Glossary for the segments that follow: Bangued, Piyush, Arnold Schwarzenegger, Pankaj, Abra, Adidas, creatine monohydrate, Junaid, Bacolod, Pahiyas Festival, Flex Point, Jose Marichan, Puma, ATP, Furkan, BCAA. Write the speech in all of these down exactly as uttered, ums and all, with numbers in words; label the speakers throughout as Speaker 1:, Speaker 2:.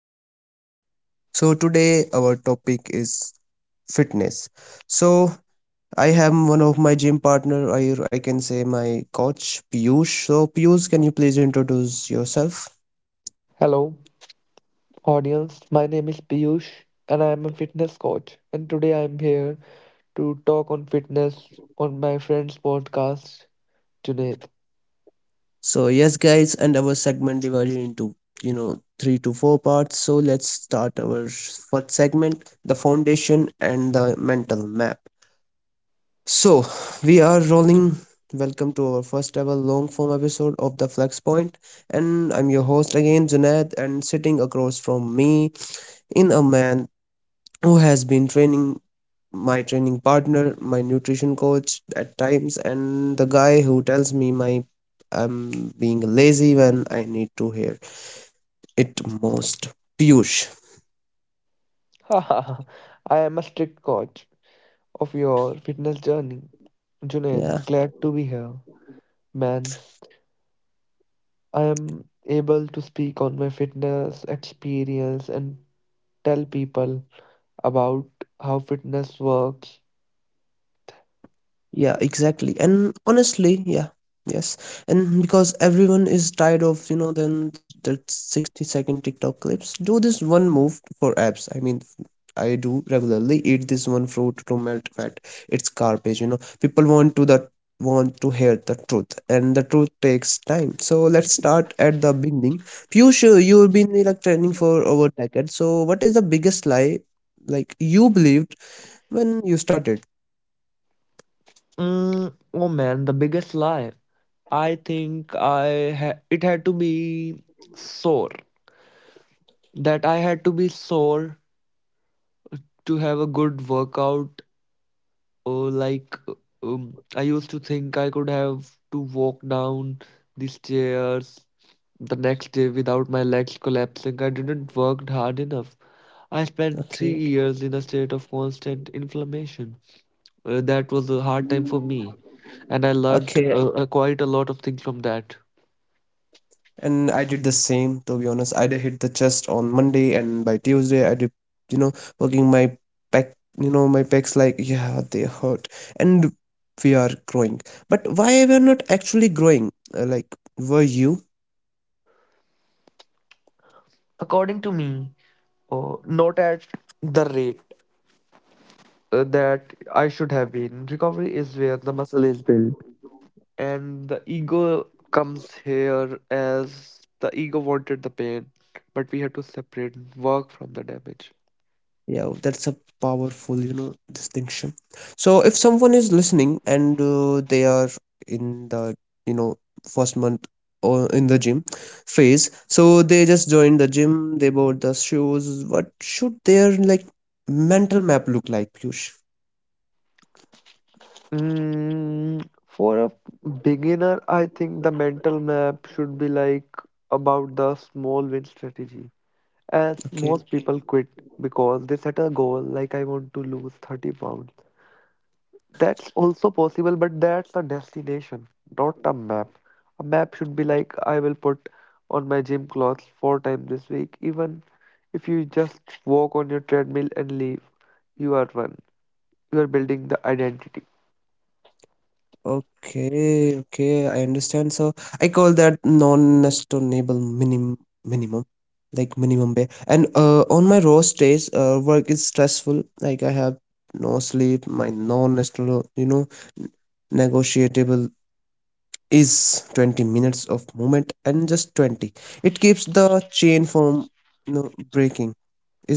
Speaker 1: podcast. So, today our topic is fitness. So, I have one of my gym partner, or I can say my coach, Piyush. So, Piyush, can you please introduce yourself?
Speaker 2: Hello, audience. My name is Piyush and I am a fitness coach. And today I am here to talk on fitness on my friend's podcast, Junaid.
Speaker 1: So, yes, guys, and our segment divided into you know three to four parts. So, let's start our s- first segment, the foundation and the mental map. So we are rolling. Welcome to our first ever long form episode of the Flex Point, and I'm your host again, Junaid, and sitting across from me in a man who has been training, my training partner, my nutrition coach at times, and the guy who tells me my I'm being lazy when I need to hear it most. Piyush.
Speaker 2: Haha, I am a strict coach of your fitness journey.
Speaker 1: Yeah.
Speaker 2: Junaid, glad to be here. Man, I am able to speak on my fitness experience and tell people about how fitness works.
Speaker 1: Yeah, exactly. And honestly, yeah, yes. And because everyone is tired of, you know, then s- the sixty second TikTok clips, do this one move for abs. I mean, I do regularly eat this one fruit to melt fat. It's garbage, you know. People want to that want to hear the truth, and the truth takes time. So let's start at the beginning. Piyush, uh, you've been uh, like training for over a decade. So what is the biggest lie like you believed when you started?
Speaker 2: Mm, oh man, the biggest lie. I think I ha- it had to be sore. That I had to be sore to have a good workout. Or like um, I used to think I could have to walk down the stairs the next day without my legs collapsing. I didn't work hard enough. I spent
Speaker 1: Okay,
Speaker 2: three years in a state of constant inflammation. Uh, that was a hard time for me, and I learned
Speaker 1: okay.
Speaker 2: uh, uh, quite a lot of things from that.
Speaker 1: And I did the same, to be honest. I did hit the chest on Monday, and by Tuesday, I did, you know, working my back, you know, my pecs like, yeah, they hurt. And we are growing. But why we're not actually growing? Uh, like, were you?
Speaker 2: According to me. Oh, not at the rate uh, that I should have been. Recovery is where the muscle is built, and the ego comes here as the ego wanted the pain, but we had to separate work from the damage.
Speaker 1: Yeah, that's a powerful, you know, distinction. So if someone is listening and uh, they are in the, you know, first month or in the gym phase, so they just joined the gym, they bought the shoes. What should their like mental map look like, Piyush?
Speaker 2: Mm, for a beginner, I think the mental map should be like about the small win strategy. As
Speaker 1: Okay.
Speaker 2: most people quit because they set a goal like I want to lose thirty pounds. That's also possible, but that's a destination, not a map. A map should be like I will put on my gym clothes four times this week. Even if you just walk on your treadmill and leave, you are one. You are building the identity.
Speaker 1: Okay, okay, I understand. So I call that non-negotiable minimum minimum like minimum pay. And uh on my roast days, uh work is stressful. Like I have no sleep. My non-negotiable, you know, negotiable is twenty minutes of movement, and just twenty. It keeps the chain from you know breaking.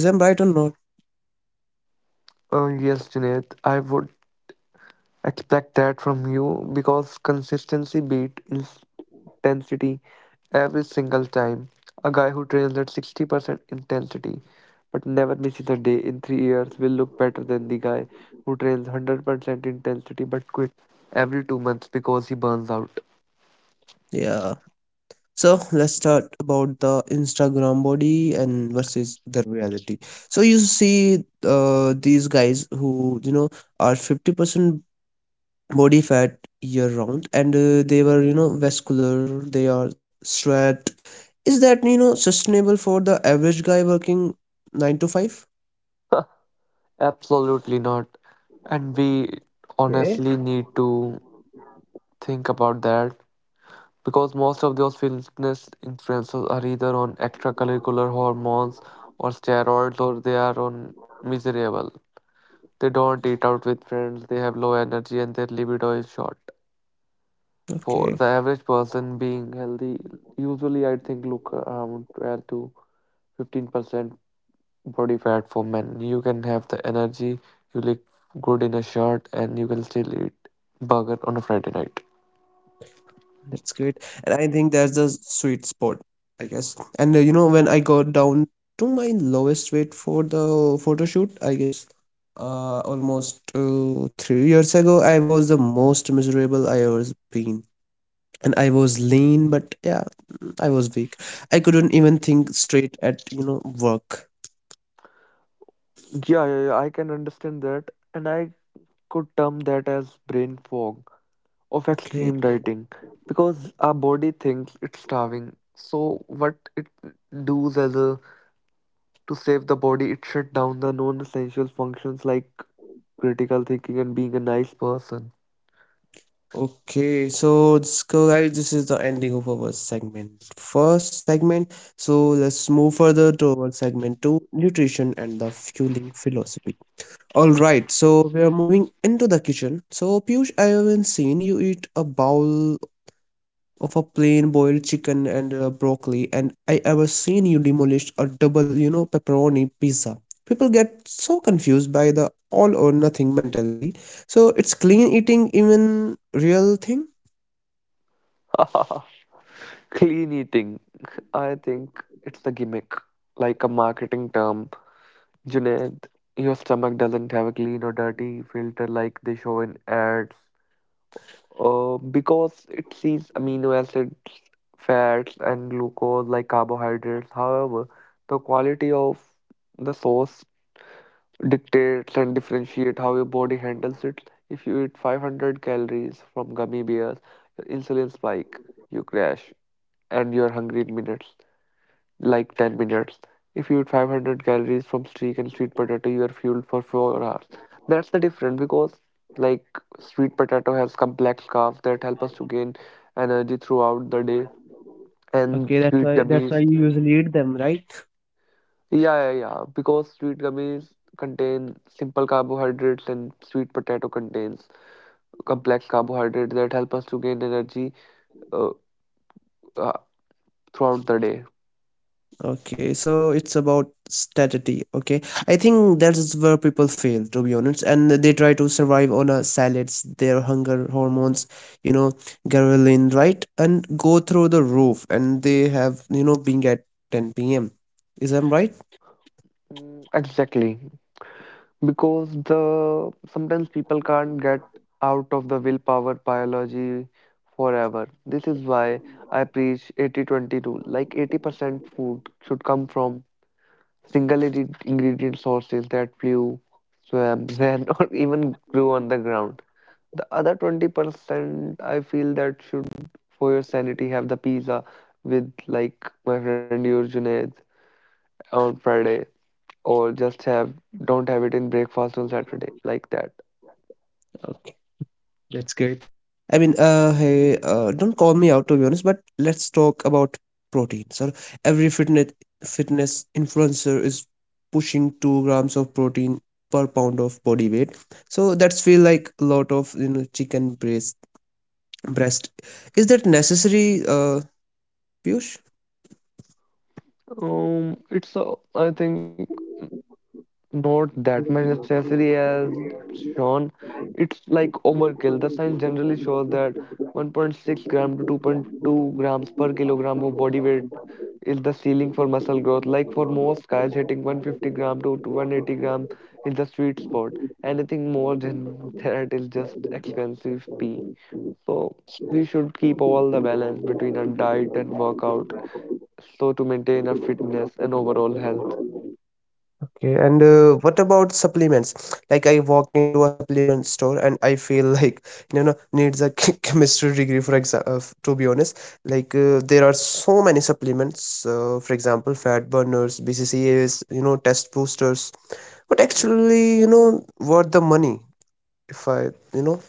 Speaker 1: Is I'm right or not?
Speaker 2: Uh, yes, Junaid, I would expect that from you because consistency beat intensity. Every single time, a guy who trains at sixty percent intensity but never misses a day in three years will look better than the guy who trains one hundred percent intensity but quit every two months because he burns out.
Speaker 1: Yeah. So let's start about the Instagram body and versus the reality. So you see uh, these guys who you know are fifty percent body fat year round, and uh, they were you know vascular, they are straight. Is that you know sustainable for the average guy working nine to five?
Speaker 2: Absolutely not. And we
Speaker 1: Okay.
Speaker 2: honestly need to think about that because most of those fitness influencers are either on extracurricular hormones or steroids or they are on miserable. They don't eat out with friends, they have low energy, and their libido is short. For the
Speaker 1: Okay.
Speaker 2: average person being healthy, usually I think look around twelve to fifteen percent body fat for men. You can have the energy, you look good in a shirt, and you can still eat burger on a Friday night.
Speaker 1: That's great. And I think that's the sweet spot, I guess. And uh, you know, when I got down to my lowest rate for the photo shoot, I guess, uh, almost uh, three years ago, I was the most miserable I ever been, and I was lean, but yeah, I was weak. I couldn't even think straight at, you know, work.
Speaker 2: Yeah, yeah, yeah, I can understand that, and I could term that as brain fog of
Speaker 1: Okay.
Speaker 2: extreme dieting because our body thinks it's starving. So what it does as a To save the body, it shut down the non essential functions like critical thinking and being a nice person.
Speaker 1: Okay, so this- so guys, this is the ending of our segment. First segment. So let's move further to our segment two, nutrition and the fueling philosophy. All right, so we are moving into the kitchen. So Piyush, I haven't seen you eat a bowl of a plain boiled chicken and uh, broccoli, and I ever seen you demolish a double, you know, pepperoni pizza. People get so confused by the all or nothing mentality. So it's clean eating even real thing?
Speaker 2: Clean eating. I think it's a gimmick, like a marketing term. Junaid, your stomach doesn't have a clean or dirty filter like they show in ads. Uh, because it sees amino acids, fats, and glucose like carbohydrates. However, the quality of the source dictates and differentiate how your body handles it. If you eat five hundred calories from gummy bears, your insulin spike, you crash, and you're hungry in minutes, like ten minutes. If you eat five hundred calories from streak and sweet potato, you are fueled for four hours. That's the difference because, like, sweet potato has complex carbs that help us to gain energy throughout the day,
Speaker 1: Okay,
Speaker 2: and
Speaker 1: that's
Speaker 2: sweet
Speaker 1: why that's why
Speaker 2: gummies.
Speaker 1: you usually eat them, right?
Speaker 2: Yeah, yeah, yeah. Because sweet gummies contain simple carbohydrates and sweet potato contains complex carbohydrates that help us to gain energy uh, uh, throughout the day.
Speaker 1: Okay, so it's about strategy. Okay, I think that's where people fail, to be honest, and they try to survive on uh, salads, their hunger hormones, you know, ghrelin, right, and go through the roof, and they have, you know, being at ten p m. Is that right?
Speaker 2: Mm, Exactly, because the sometimes people can't get out of the willpower biology forever. This is why I preach eighty twenty rule. Like eighty percent food should come from single ingredient sources that flew, swam, ran, or even grew on the ground. The other twenty percent, I feel that should, for your sanity, have the pizza with like my friend your Junaid on Friday, or just have don't have it in breakfast on Saturday, like that.
Speaker 1: That's great. I mean, uh, hey, uh, don't call me out to be honest, but let's talk about protein. So every fitness fitness influencer is pushing two grams of protein per pound of body weight. So that's feel like a lot of you know chicken breast breast. Is that necessary, uh, Piyush?
Speaker 2: Um, it's a, I think not that much necessary as it's shown. It's like overkill. The science generally shows that one point six gram to two point two grams per kilogram of body weight is the ceiling for muscle growth. Like for most guys, hitting one hundred fifty gram to one hundred eighty gram is the sweet spot. Anything more than that is just expensive pee. So we should keep all the balance between our diet and workout so to maintain our fitness and overall health.
Speaker 1: Okay, and uh, what about supplements? Like I walk into a supplement store and I feel like you know needs a chemistry degree, for example. Uh, f- to be honest, like uh, there are so many supplements. Uh, for example, fat burners, B C C As, you know, test boosters, but actually you know worth the money if I you know.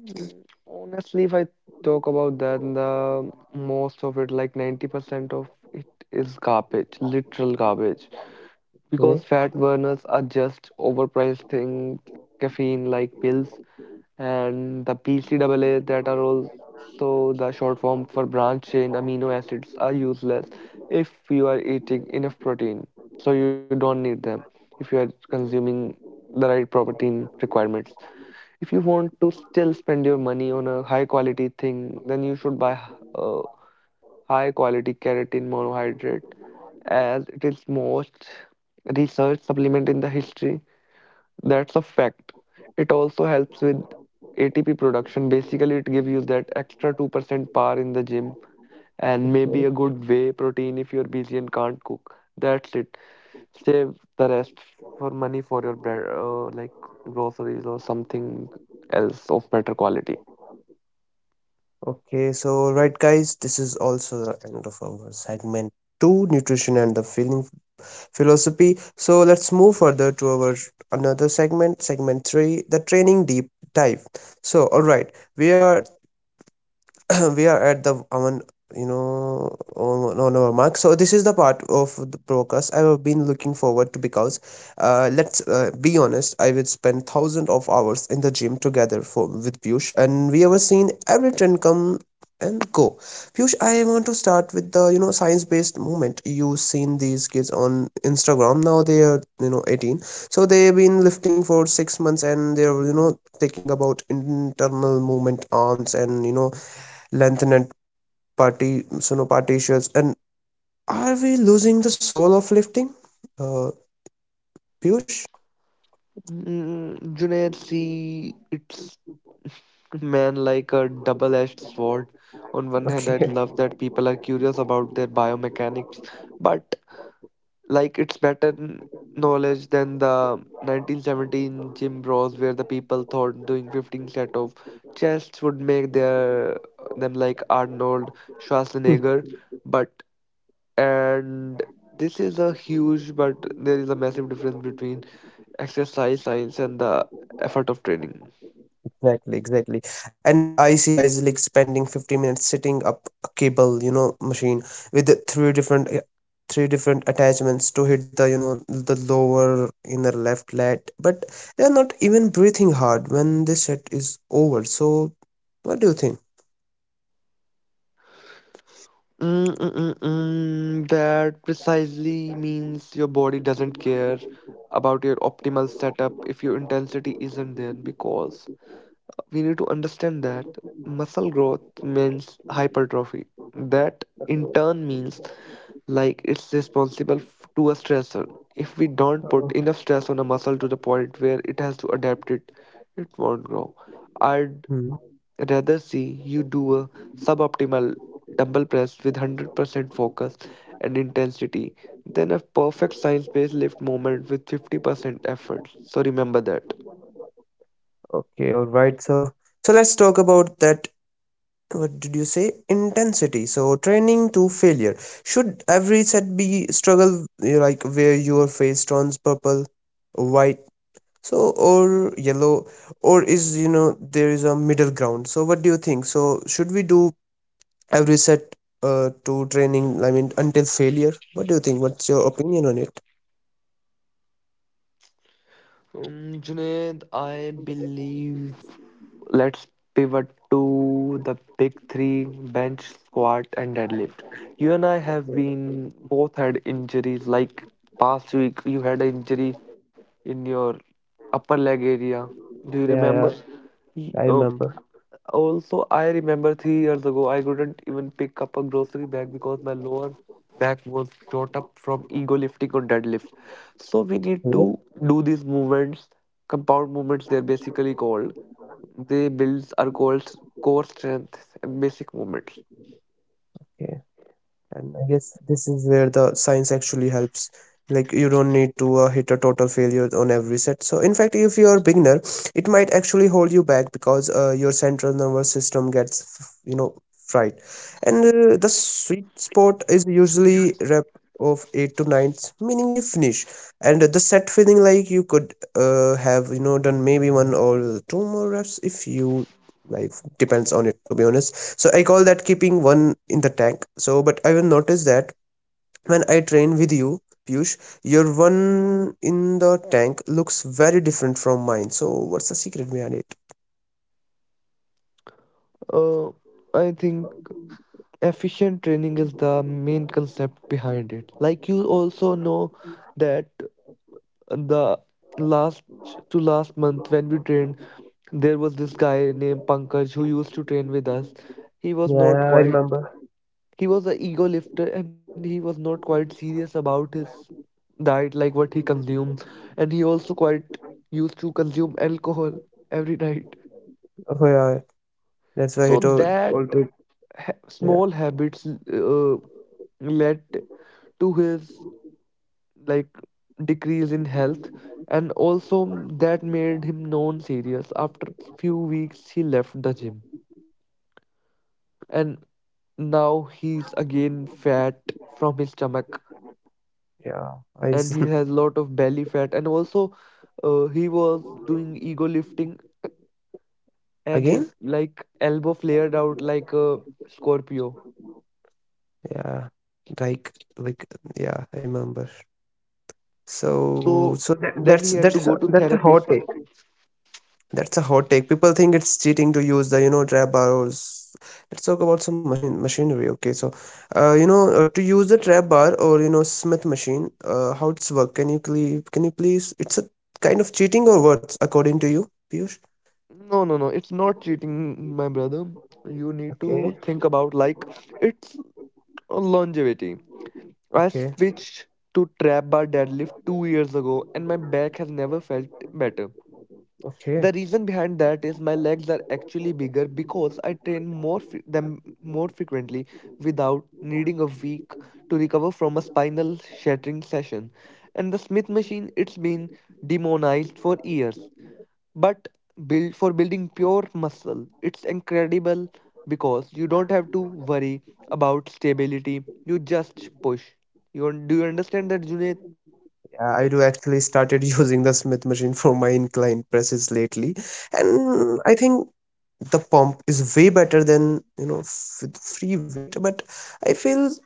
Speaker 2: Mm, Honestly, if I talk about that, the most of it, like ninety percent of it is garbage, literal garbage. Because
Speaker 1: Okay.
Speaker 2: fat burners are just overpriced thing, caffeine like pills, and the B C A A that are also the short form for branch chain amino acids are useless if you are eating enough protein. So you don't need them if you are consuming the right protein requirements. If you want to still spend your money on a high quality thing, then you should buy uh, high quality keratin monohydrate as it is most research supplement in the history. That's a fact. It also helps with A T P production. Basically, it gives you that extra two percent power in the gym and
Speaker 1: Okay.
Speaker 2: maybe a good whey protein if you're busy and can't cook. That's it. Save the rest for money for your bread, uh, like groceries or something else of better quality.
Speaker 1: Okay, so right guys, this is also the end of our segment two, nutrition and the feeling philosophy. So let's move further to our another segment, segment three, the training deep dive. So, all right, we are we are at the on you know on, on our mark. So this is the part of the broadcast I have been looking forward to because uh, let's uh, be honest, I would spend thousands of hours in the gym together for with Piyush, and we have seen every trend come and go. Piyush, I want to start with the you know science based movement. You've seen these kids on Instagram now, they are you know eighteen, so they've been lifting for six months, and they're you know taking about internal movement arms and you know lengthened party so no sinopartitious, and are we losing the soul of lifting, uh Piyush?
Speaker 2: Mm, Junaid, see, it's man like a double-edged sword. On one hand, I
Speaker 1: Okay.
Speaker 2: love that people are curious about their biomechanics, but like it's better n- knowledge than the nineteen seventeen gym bros where the people thought doing fifteen set of chests would make their them like Arnold Schwarzenegger. But and this is a huge, but there is a massive difference between exercise science and the effort of training.
Speaker 1: exactly exactly, and uh, I see guys like spending fifty minutes setting up a cable you know machine with the three different uh, three different attachments to hit the you know the lower inner left lat, but they are not even breathing hard when this set is over. So what do you think?
Speaker 2: Mm, mm, mm, mm, that precisely means your body doesn't care about your optimal setup if your intensity isn't there because we need to understand that muscle growth means hypertrophy that in turn means like it's responsible f- to a stressor. If we don't put
Speaker 1: Um,
Speaker 2: enough stress on a muscle to the point where it has to adapt it, it won't grow. I
Speaker 1: Hmm.
Speaker 2: Rather see you do a suboptimal dumbbell press with one hundred percent focus and intensity than a perfect science-based lift moment with fifty percent effort. So remember that.
Speaker 1: Okay, all right. So, so let's talk about that. What did you say intensity, so training to failure, should every set be struggle you like where your face turns purple, white, so or yellow, or is you know there is a middle ground? So what do you think, so should we do every set uh, to training, I mean until failure? What do you think, what's your opinion on it?
Speaker 2: Um, Junaid, I believe let's pivot to the big three bench, squat, and deadlift. You and I have been both had injuries. Like past week, you had an injury in your upper leg area. Do you
Speaker 1: Yeah, yeah,
Speaker 2: remember? Y-
Speaker 1: I
Speaker 2: Oh,
Speaker 1: remember.
Speaker 2: also, I remember three years ago, I couldn't even pick up a grocery bag because my lower back was shot up from ego lifting on deadlift. So we need
Speaker 1: Mhm.
Speaker 2: to do these movements, compound movements. They're basically called. They builds are called core strength and basic movements.
Speaker 1: And I guess this is where the science actually helps. Like you don't need to uh, hit a total failure on every set. So in fact, if you're a beginner, it might actually hold you back because uh, your central nervous system gets f- you know fried. And uh, the sweet spot is usually rep of eight to nine, meaning you finish. And the set feeling like you could uh, have you know done maybe one or two more reps if you like, depends on it to be honest. So I call that keeping one in the tank. So, but I will notice that when I train with you, Piyush, your one in the tank looks very different from mine. So what's the secret behind it?
Speaker 2: Uh, I think efficient training is the main concept behind it. Like you also know that the last to last month when we trained. There was this guy named Pankaj who used to train with us. He was
Speaker 1: Yeah,
Speaker 2: not
Speaker 1: yeah, I
Speaker 2: quite,
Speaker 1: remember.
Speaker 2: he was an ego lifter and he was not quite serious about his diet, like what he consumed. And he also quite used to consume alcohol every night.
Speaker 1: Oh yeah, that's why
Speaker 2: So
Speaker 1: it all, all
Speaker 2: that ha-
Speaker 1: Yeah.
Speaker 2: small habits uh, led to his like decrease in health and also that made him non serious. After few weeks, he left the gym. And now he's again fat from his stomach
Speaker 1: Yeah i s-
Speaker 2: and he has lot of belly fat and also uh, he was doing ego lifting and
Speaker 1: Again.
Speaker 2: his like elbow flared out like a scorpio,
Speaker 1: Yeah, like like yeah, I remember. So,
Speaker 2: so
Speaker 1: so that,
Speaker 2: then
Speaker 1: that's
Speaker 2: he had to
Speaker 1: that's
Speaker 2: go
Speaker 1: a,
Speaker 2: to
Speaker 1: that's a hot
Speaker 2: therapist.
Speaker 1: take. That's a hot take. People think it's cheating to use the, you know, trap bars. Let's talk about some machine machinery. Okay, so, uh, you know, uh, to use the trap bar or you know Smith machine, uh, how it's work? Can you please, can you please? It's a kind of cheating or what, according to you, Piyush?
Speaker 2: No, no, no, it's not cheating, my brother. You need to
Speaker 1: Okay,
Speaker 2: think about, like, it's a longevity. I
Speaker 1: okay,
Speaker 2: switched to trap bar deadlift two years ago and my back has never felt better.
Speaker 1: okay.
Speaker 2: The reason behind that is my legs are actually bigger because I train more fre- them more frequently without needing a week to recover from a spinal shattering session. And the Smith machine, it's been demonized for years, but built for building pure muscle. It's incredible because you don't have to worry about stability. You just push. You un- do you understand that, Junaid?
Speaker 1: Yeah, I do actually started using the Smith machine for my inclined presses lately, and I think the pump is way better than you know f- with free weight, but I feel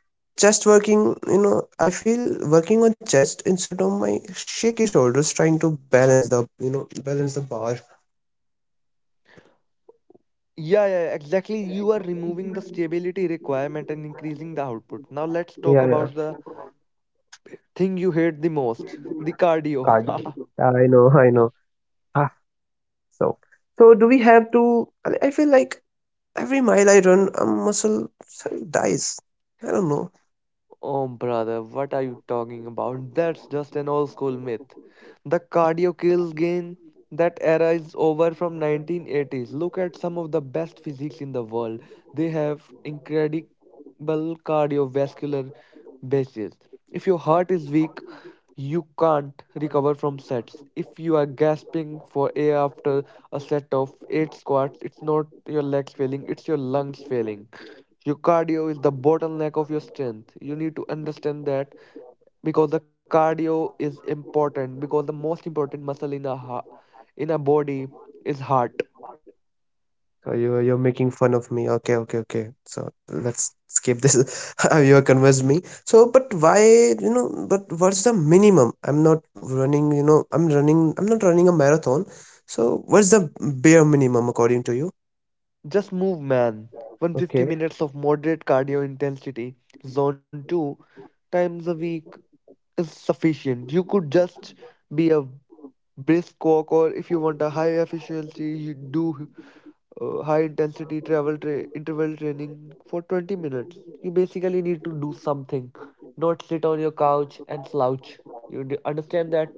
Speaker 1: chest working, you know, I feel working on chest instead of my shaky shoulders trying to balance the you know balance the bar.
Speaker 2: Yeah, yeah, yeah, exactly. You are removing the stability requirement and increasing the output. Now let's
Speaker 1: Yeah,
Speaker 2: talk
Speaker 1: yeah.
Speaker 2: about the thing you hate the most, the cardio.
Speaker 1: Cardio, I know, I know. Ah, so, so do we have to, i I feel like every mile I run a muscle cell dies, I don't know.
Speaker 2: Oh, brother, what are you talking about? That's just an old school myth. The cardio kills gain. That era is over from nineteen eighties. Look at some of the best physiques in the world. They have incredible cardiovascular bases. If your heart is weak, you can't recover from sets. If you are gasping for air after a set of eight squats, it's not your legs failing, it's your lungs failing. Your cardio is the bottleneck of your strength. You need to understand that because the cardio is important because the most important muscle in a ha- in a body is heart.
Speaker 1: Oh, you you're making fun of me. Okay, okay, okay. So let's skip this. Uh, You have convinced me. So, but why, you know, but what's the minimum? I'm not running, you know, I'm running, I'm not running a marathon. So what's the bare minimum according to you?
Speaker 2: Just move, man. one hundred fifty
Speaker 1: Okay,
Speaker 2: minutes of moderate cardio intensity, zone two times a week is sufficient. You could just be a brisk walk or if you want a high efficiency you do uh, high intensity travel tra- interval training for twenty minutes. You basically need to do something, not sit on your couch and slouch. You d- understand that.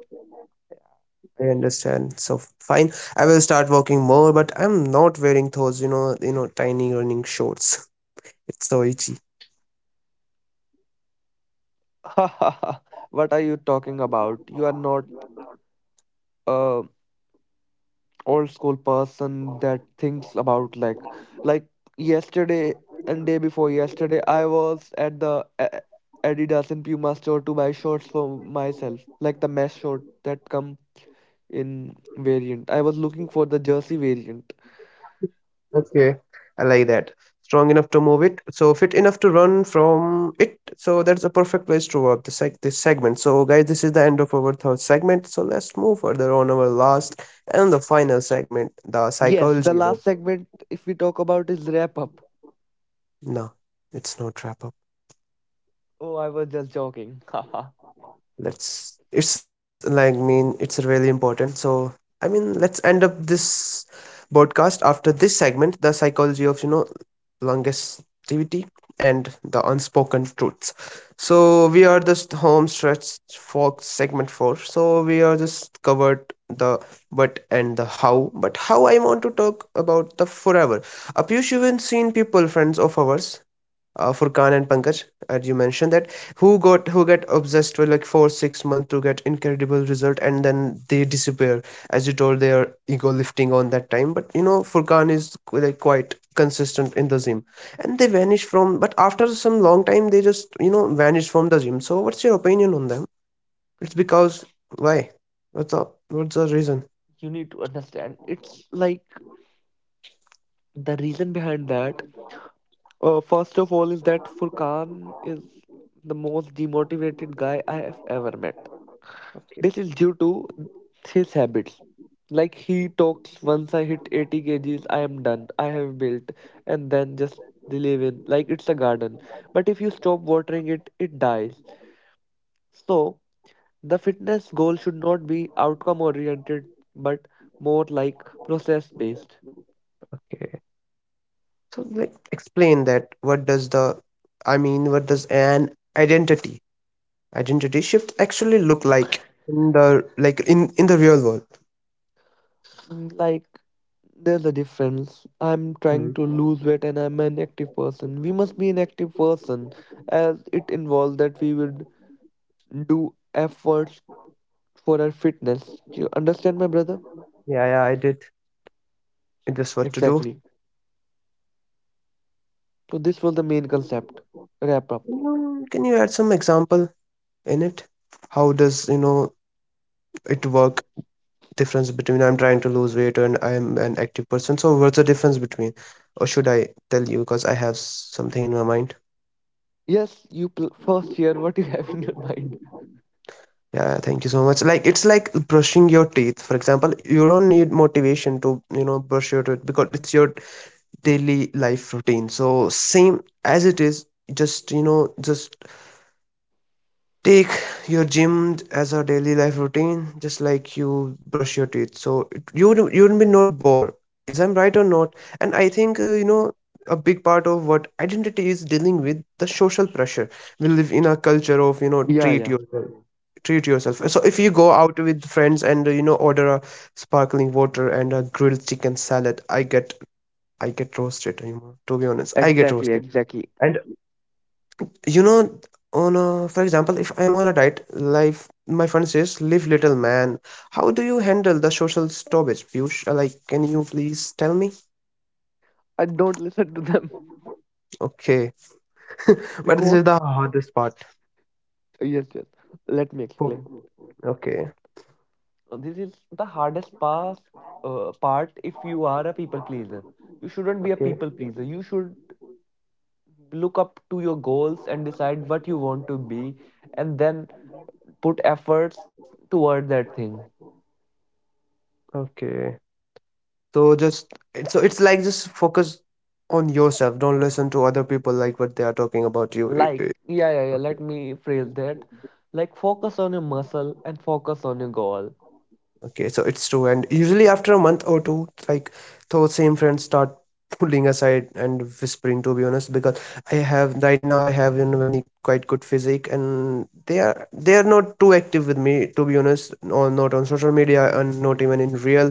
Speaker 1: I understand. So fine, I will start walking more, but I'm not wearing those, you know, you know, tiny running shorts. It's so itchy.
Speaker 2: What are you talking about? You are not a old school person that thinks about like like yesterday, and day before yesterday I was at the A- Adidas and Puma store to buy shorts for myself, like the mesh short that come in variant. I was looking for the jersey variant.
Speaker 1: Okay, I like that. Strong enough to move it, so fit enough to run from it. So that's a perfect place to wrap the seg this segment. So guys, this is the end of our third segment. So let's move further on our last and the final segment, the
Speaker 2: Yes, the
Speaker 1: psychology of-
Speaker 2: last segment if we talk about is wrap up.
Speaker 1: No, it's not wrap up.
Speaker 2: Oh, I was just joking. Haha.
Speaker 1: Let's. It's like mean it's really important. So I mean, let's end up this broadcast after this segment, the psychology of you know longevity and the unspoken truths. So we are just home stretch for segment four. So we are just covered the what and the how, but how I want to talk about the forever. Apyush, you have seen people, friends of ours, uh, Furkan and Pankaj, as you mentioned that who got who get obsessed for like four six months to get incredible result, and then they disappear. As you told, they are ego lifting on that time, but you know Furkan is qu- like quite consistent in the gym, and they vanish from. But after some long time, they just you know vanish from the gym. So what's your opinion on them? It's because why? What's the what's the reason?
Speaker 2: You need to understand it's like the reason behind that. Uh, first of all, is that Furkan is the most demotivated guy I have ever met.
Speaker 1: Okay,
Speaker 2: This is due to his habits. Like he talks, once I hit eighty kgs, I am done. I have built, and then just they live in like it's a garden. But if you stop watering it, it dies. So the fitness goal should not be outcome oriented, but more like process based.
Speaker 1: okay. So like explain that. What does the I mean, what does an identity Identity shift actually look like in the like in in the real world?
Speaker 2: Mm, Like, there's a difference. I'm trying
Speaker 1: Mhm.
Speaker 2: to lose weight and I'm an active person. We must be an active person as it involves that we would do efforts for our fitness. Do you understand, my brother?
Speaker 1: Yeah, yeah, I did. It is what to do.
Speaker 2: Exactly. So, this was the main concept. Wrap up.
Speaker 1: Mm. Can you add some example in it? How does you know it work? Difference between I'm trying to lose weight and I'm an active person. So what's the difference between? Or should I tell you because I have s- something in my mind?
Speaker 2: Yes, you pl- first hear what you have in your mind.
Speaker 1: Yeah, thank you so much. Like it's like brushing your teeth. For example, you don't need motivation to, you know, brush your teeth because it's your daily life routine. So same as it is, just you know just take your gym as a daily life routine, just like you brush your teeth, so it- you would you would be not bored. Is I'm right or not? And I think uh, you know a big part of what identity is dealing with the social pressure. We live in a culture of you know
Speaker 2: Yeah,
Speaker 1: treat
Speaker 2: yeah.
Speaker 1: yourself treat yourself. So if you go out with friends and uh, you know order a sparkling water and a grilled chicken salad, i get I get roasted, you know, to be honest. I get
Speaker 2: Exactly,
Speaker 1: roasted.
Speaker 2: exactly.
Speaker 1: And you know, on a, for example, if I am on a diet, life my friend says, "Live little man." How do you handle the social stoppage, Piyush? Uh, Like, can you please tell me?
Speaker 2: I don't listen to them
Speaker 1: Okay, but this is
Speaker 2: because,
Speaker 1: the hardest part.
Speaker 2: yes, yes. Let me explain.
Speaker 1: Fo- Okay,
Speaker 2: This is the hardest part, uh, part if you are a people pleaser. You shouldn't be a
Speaker 1: okay,
Speaker 2: people pleaser. You should look up to your goals and decide what you want to be and then put efforts toward that thing.
Speaker 1: okay. So just so it's like just focus on yourself. Don't listen to other people like what they are talking about you.
Speaker 2: Like, yeah, yeah, yeah, let me phrase that. Like, focus on your muscle and focus on your goal.
Speaker 1: Okay, so it's true, and usually after a month or two, like those same friends start pulling aside and whispering. To be honest, because I have right now, I have you know many quite good physique, and they are they are not too active with me. To be honest, or not on social media, and not even in real.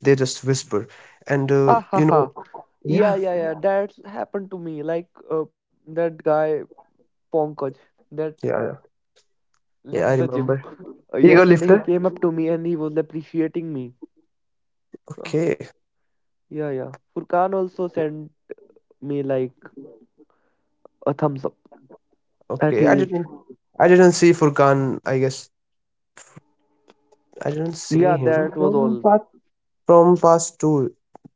Speaker 1: They just whisper, and uh,
Speaker 2: Ha ha
Speaker 1: you
Speaker 2: ha.
Speaker 1: know,
Speaker 2: Yeah,
Speaker 1: yeah,
Speaker 2: yeah, yeah. That's happened to me. Like, uh, that guy, Pankaj, that
Speaker 1: yeah, yeah, yeah.
Speaker 2: left
Speaker 1: I
Speaker 2: the gym.
Speaker 1: remember ego
Speaker 2: Yesterday he
Speaker 1: lifter.
Speaker 2: came up to me and he was appreciating me Uh,
Speaker 1: Okay,
Speaker 2: yeah, yeah. Furkan also sent me like a thumbs up. That
Speaker 1: okay. I
Speaker 2: is,
Speaker 1: didn't, I didn't see Furkan. I guess I didn't see
Speaker 2: yeah,
Speaker 1: him.
Speaker 2: that was all.
Speaker 1: From past two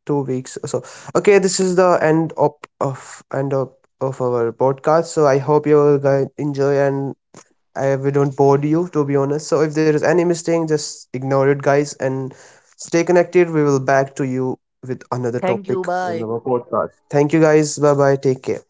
Speaker 1: two weeks, so okay, this is the end of, of end of, of our podcast. So I hope you all guys enjoy, and I, we don't bore you, to be honest. So if there is any mistake, just ignore it, guys, and stay connected. We will back to you with another
Speaker 2: Thank you.
Speaker 1: topic.
Speaker 2: Bye.
Speaker 1: Thank you guys, bye bye, take care.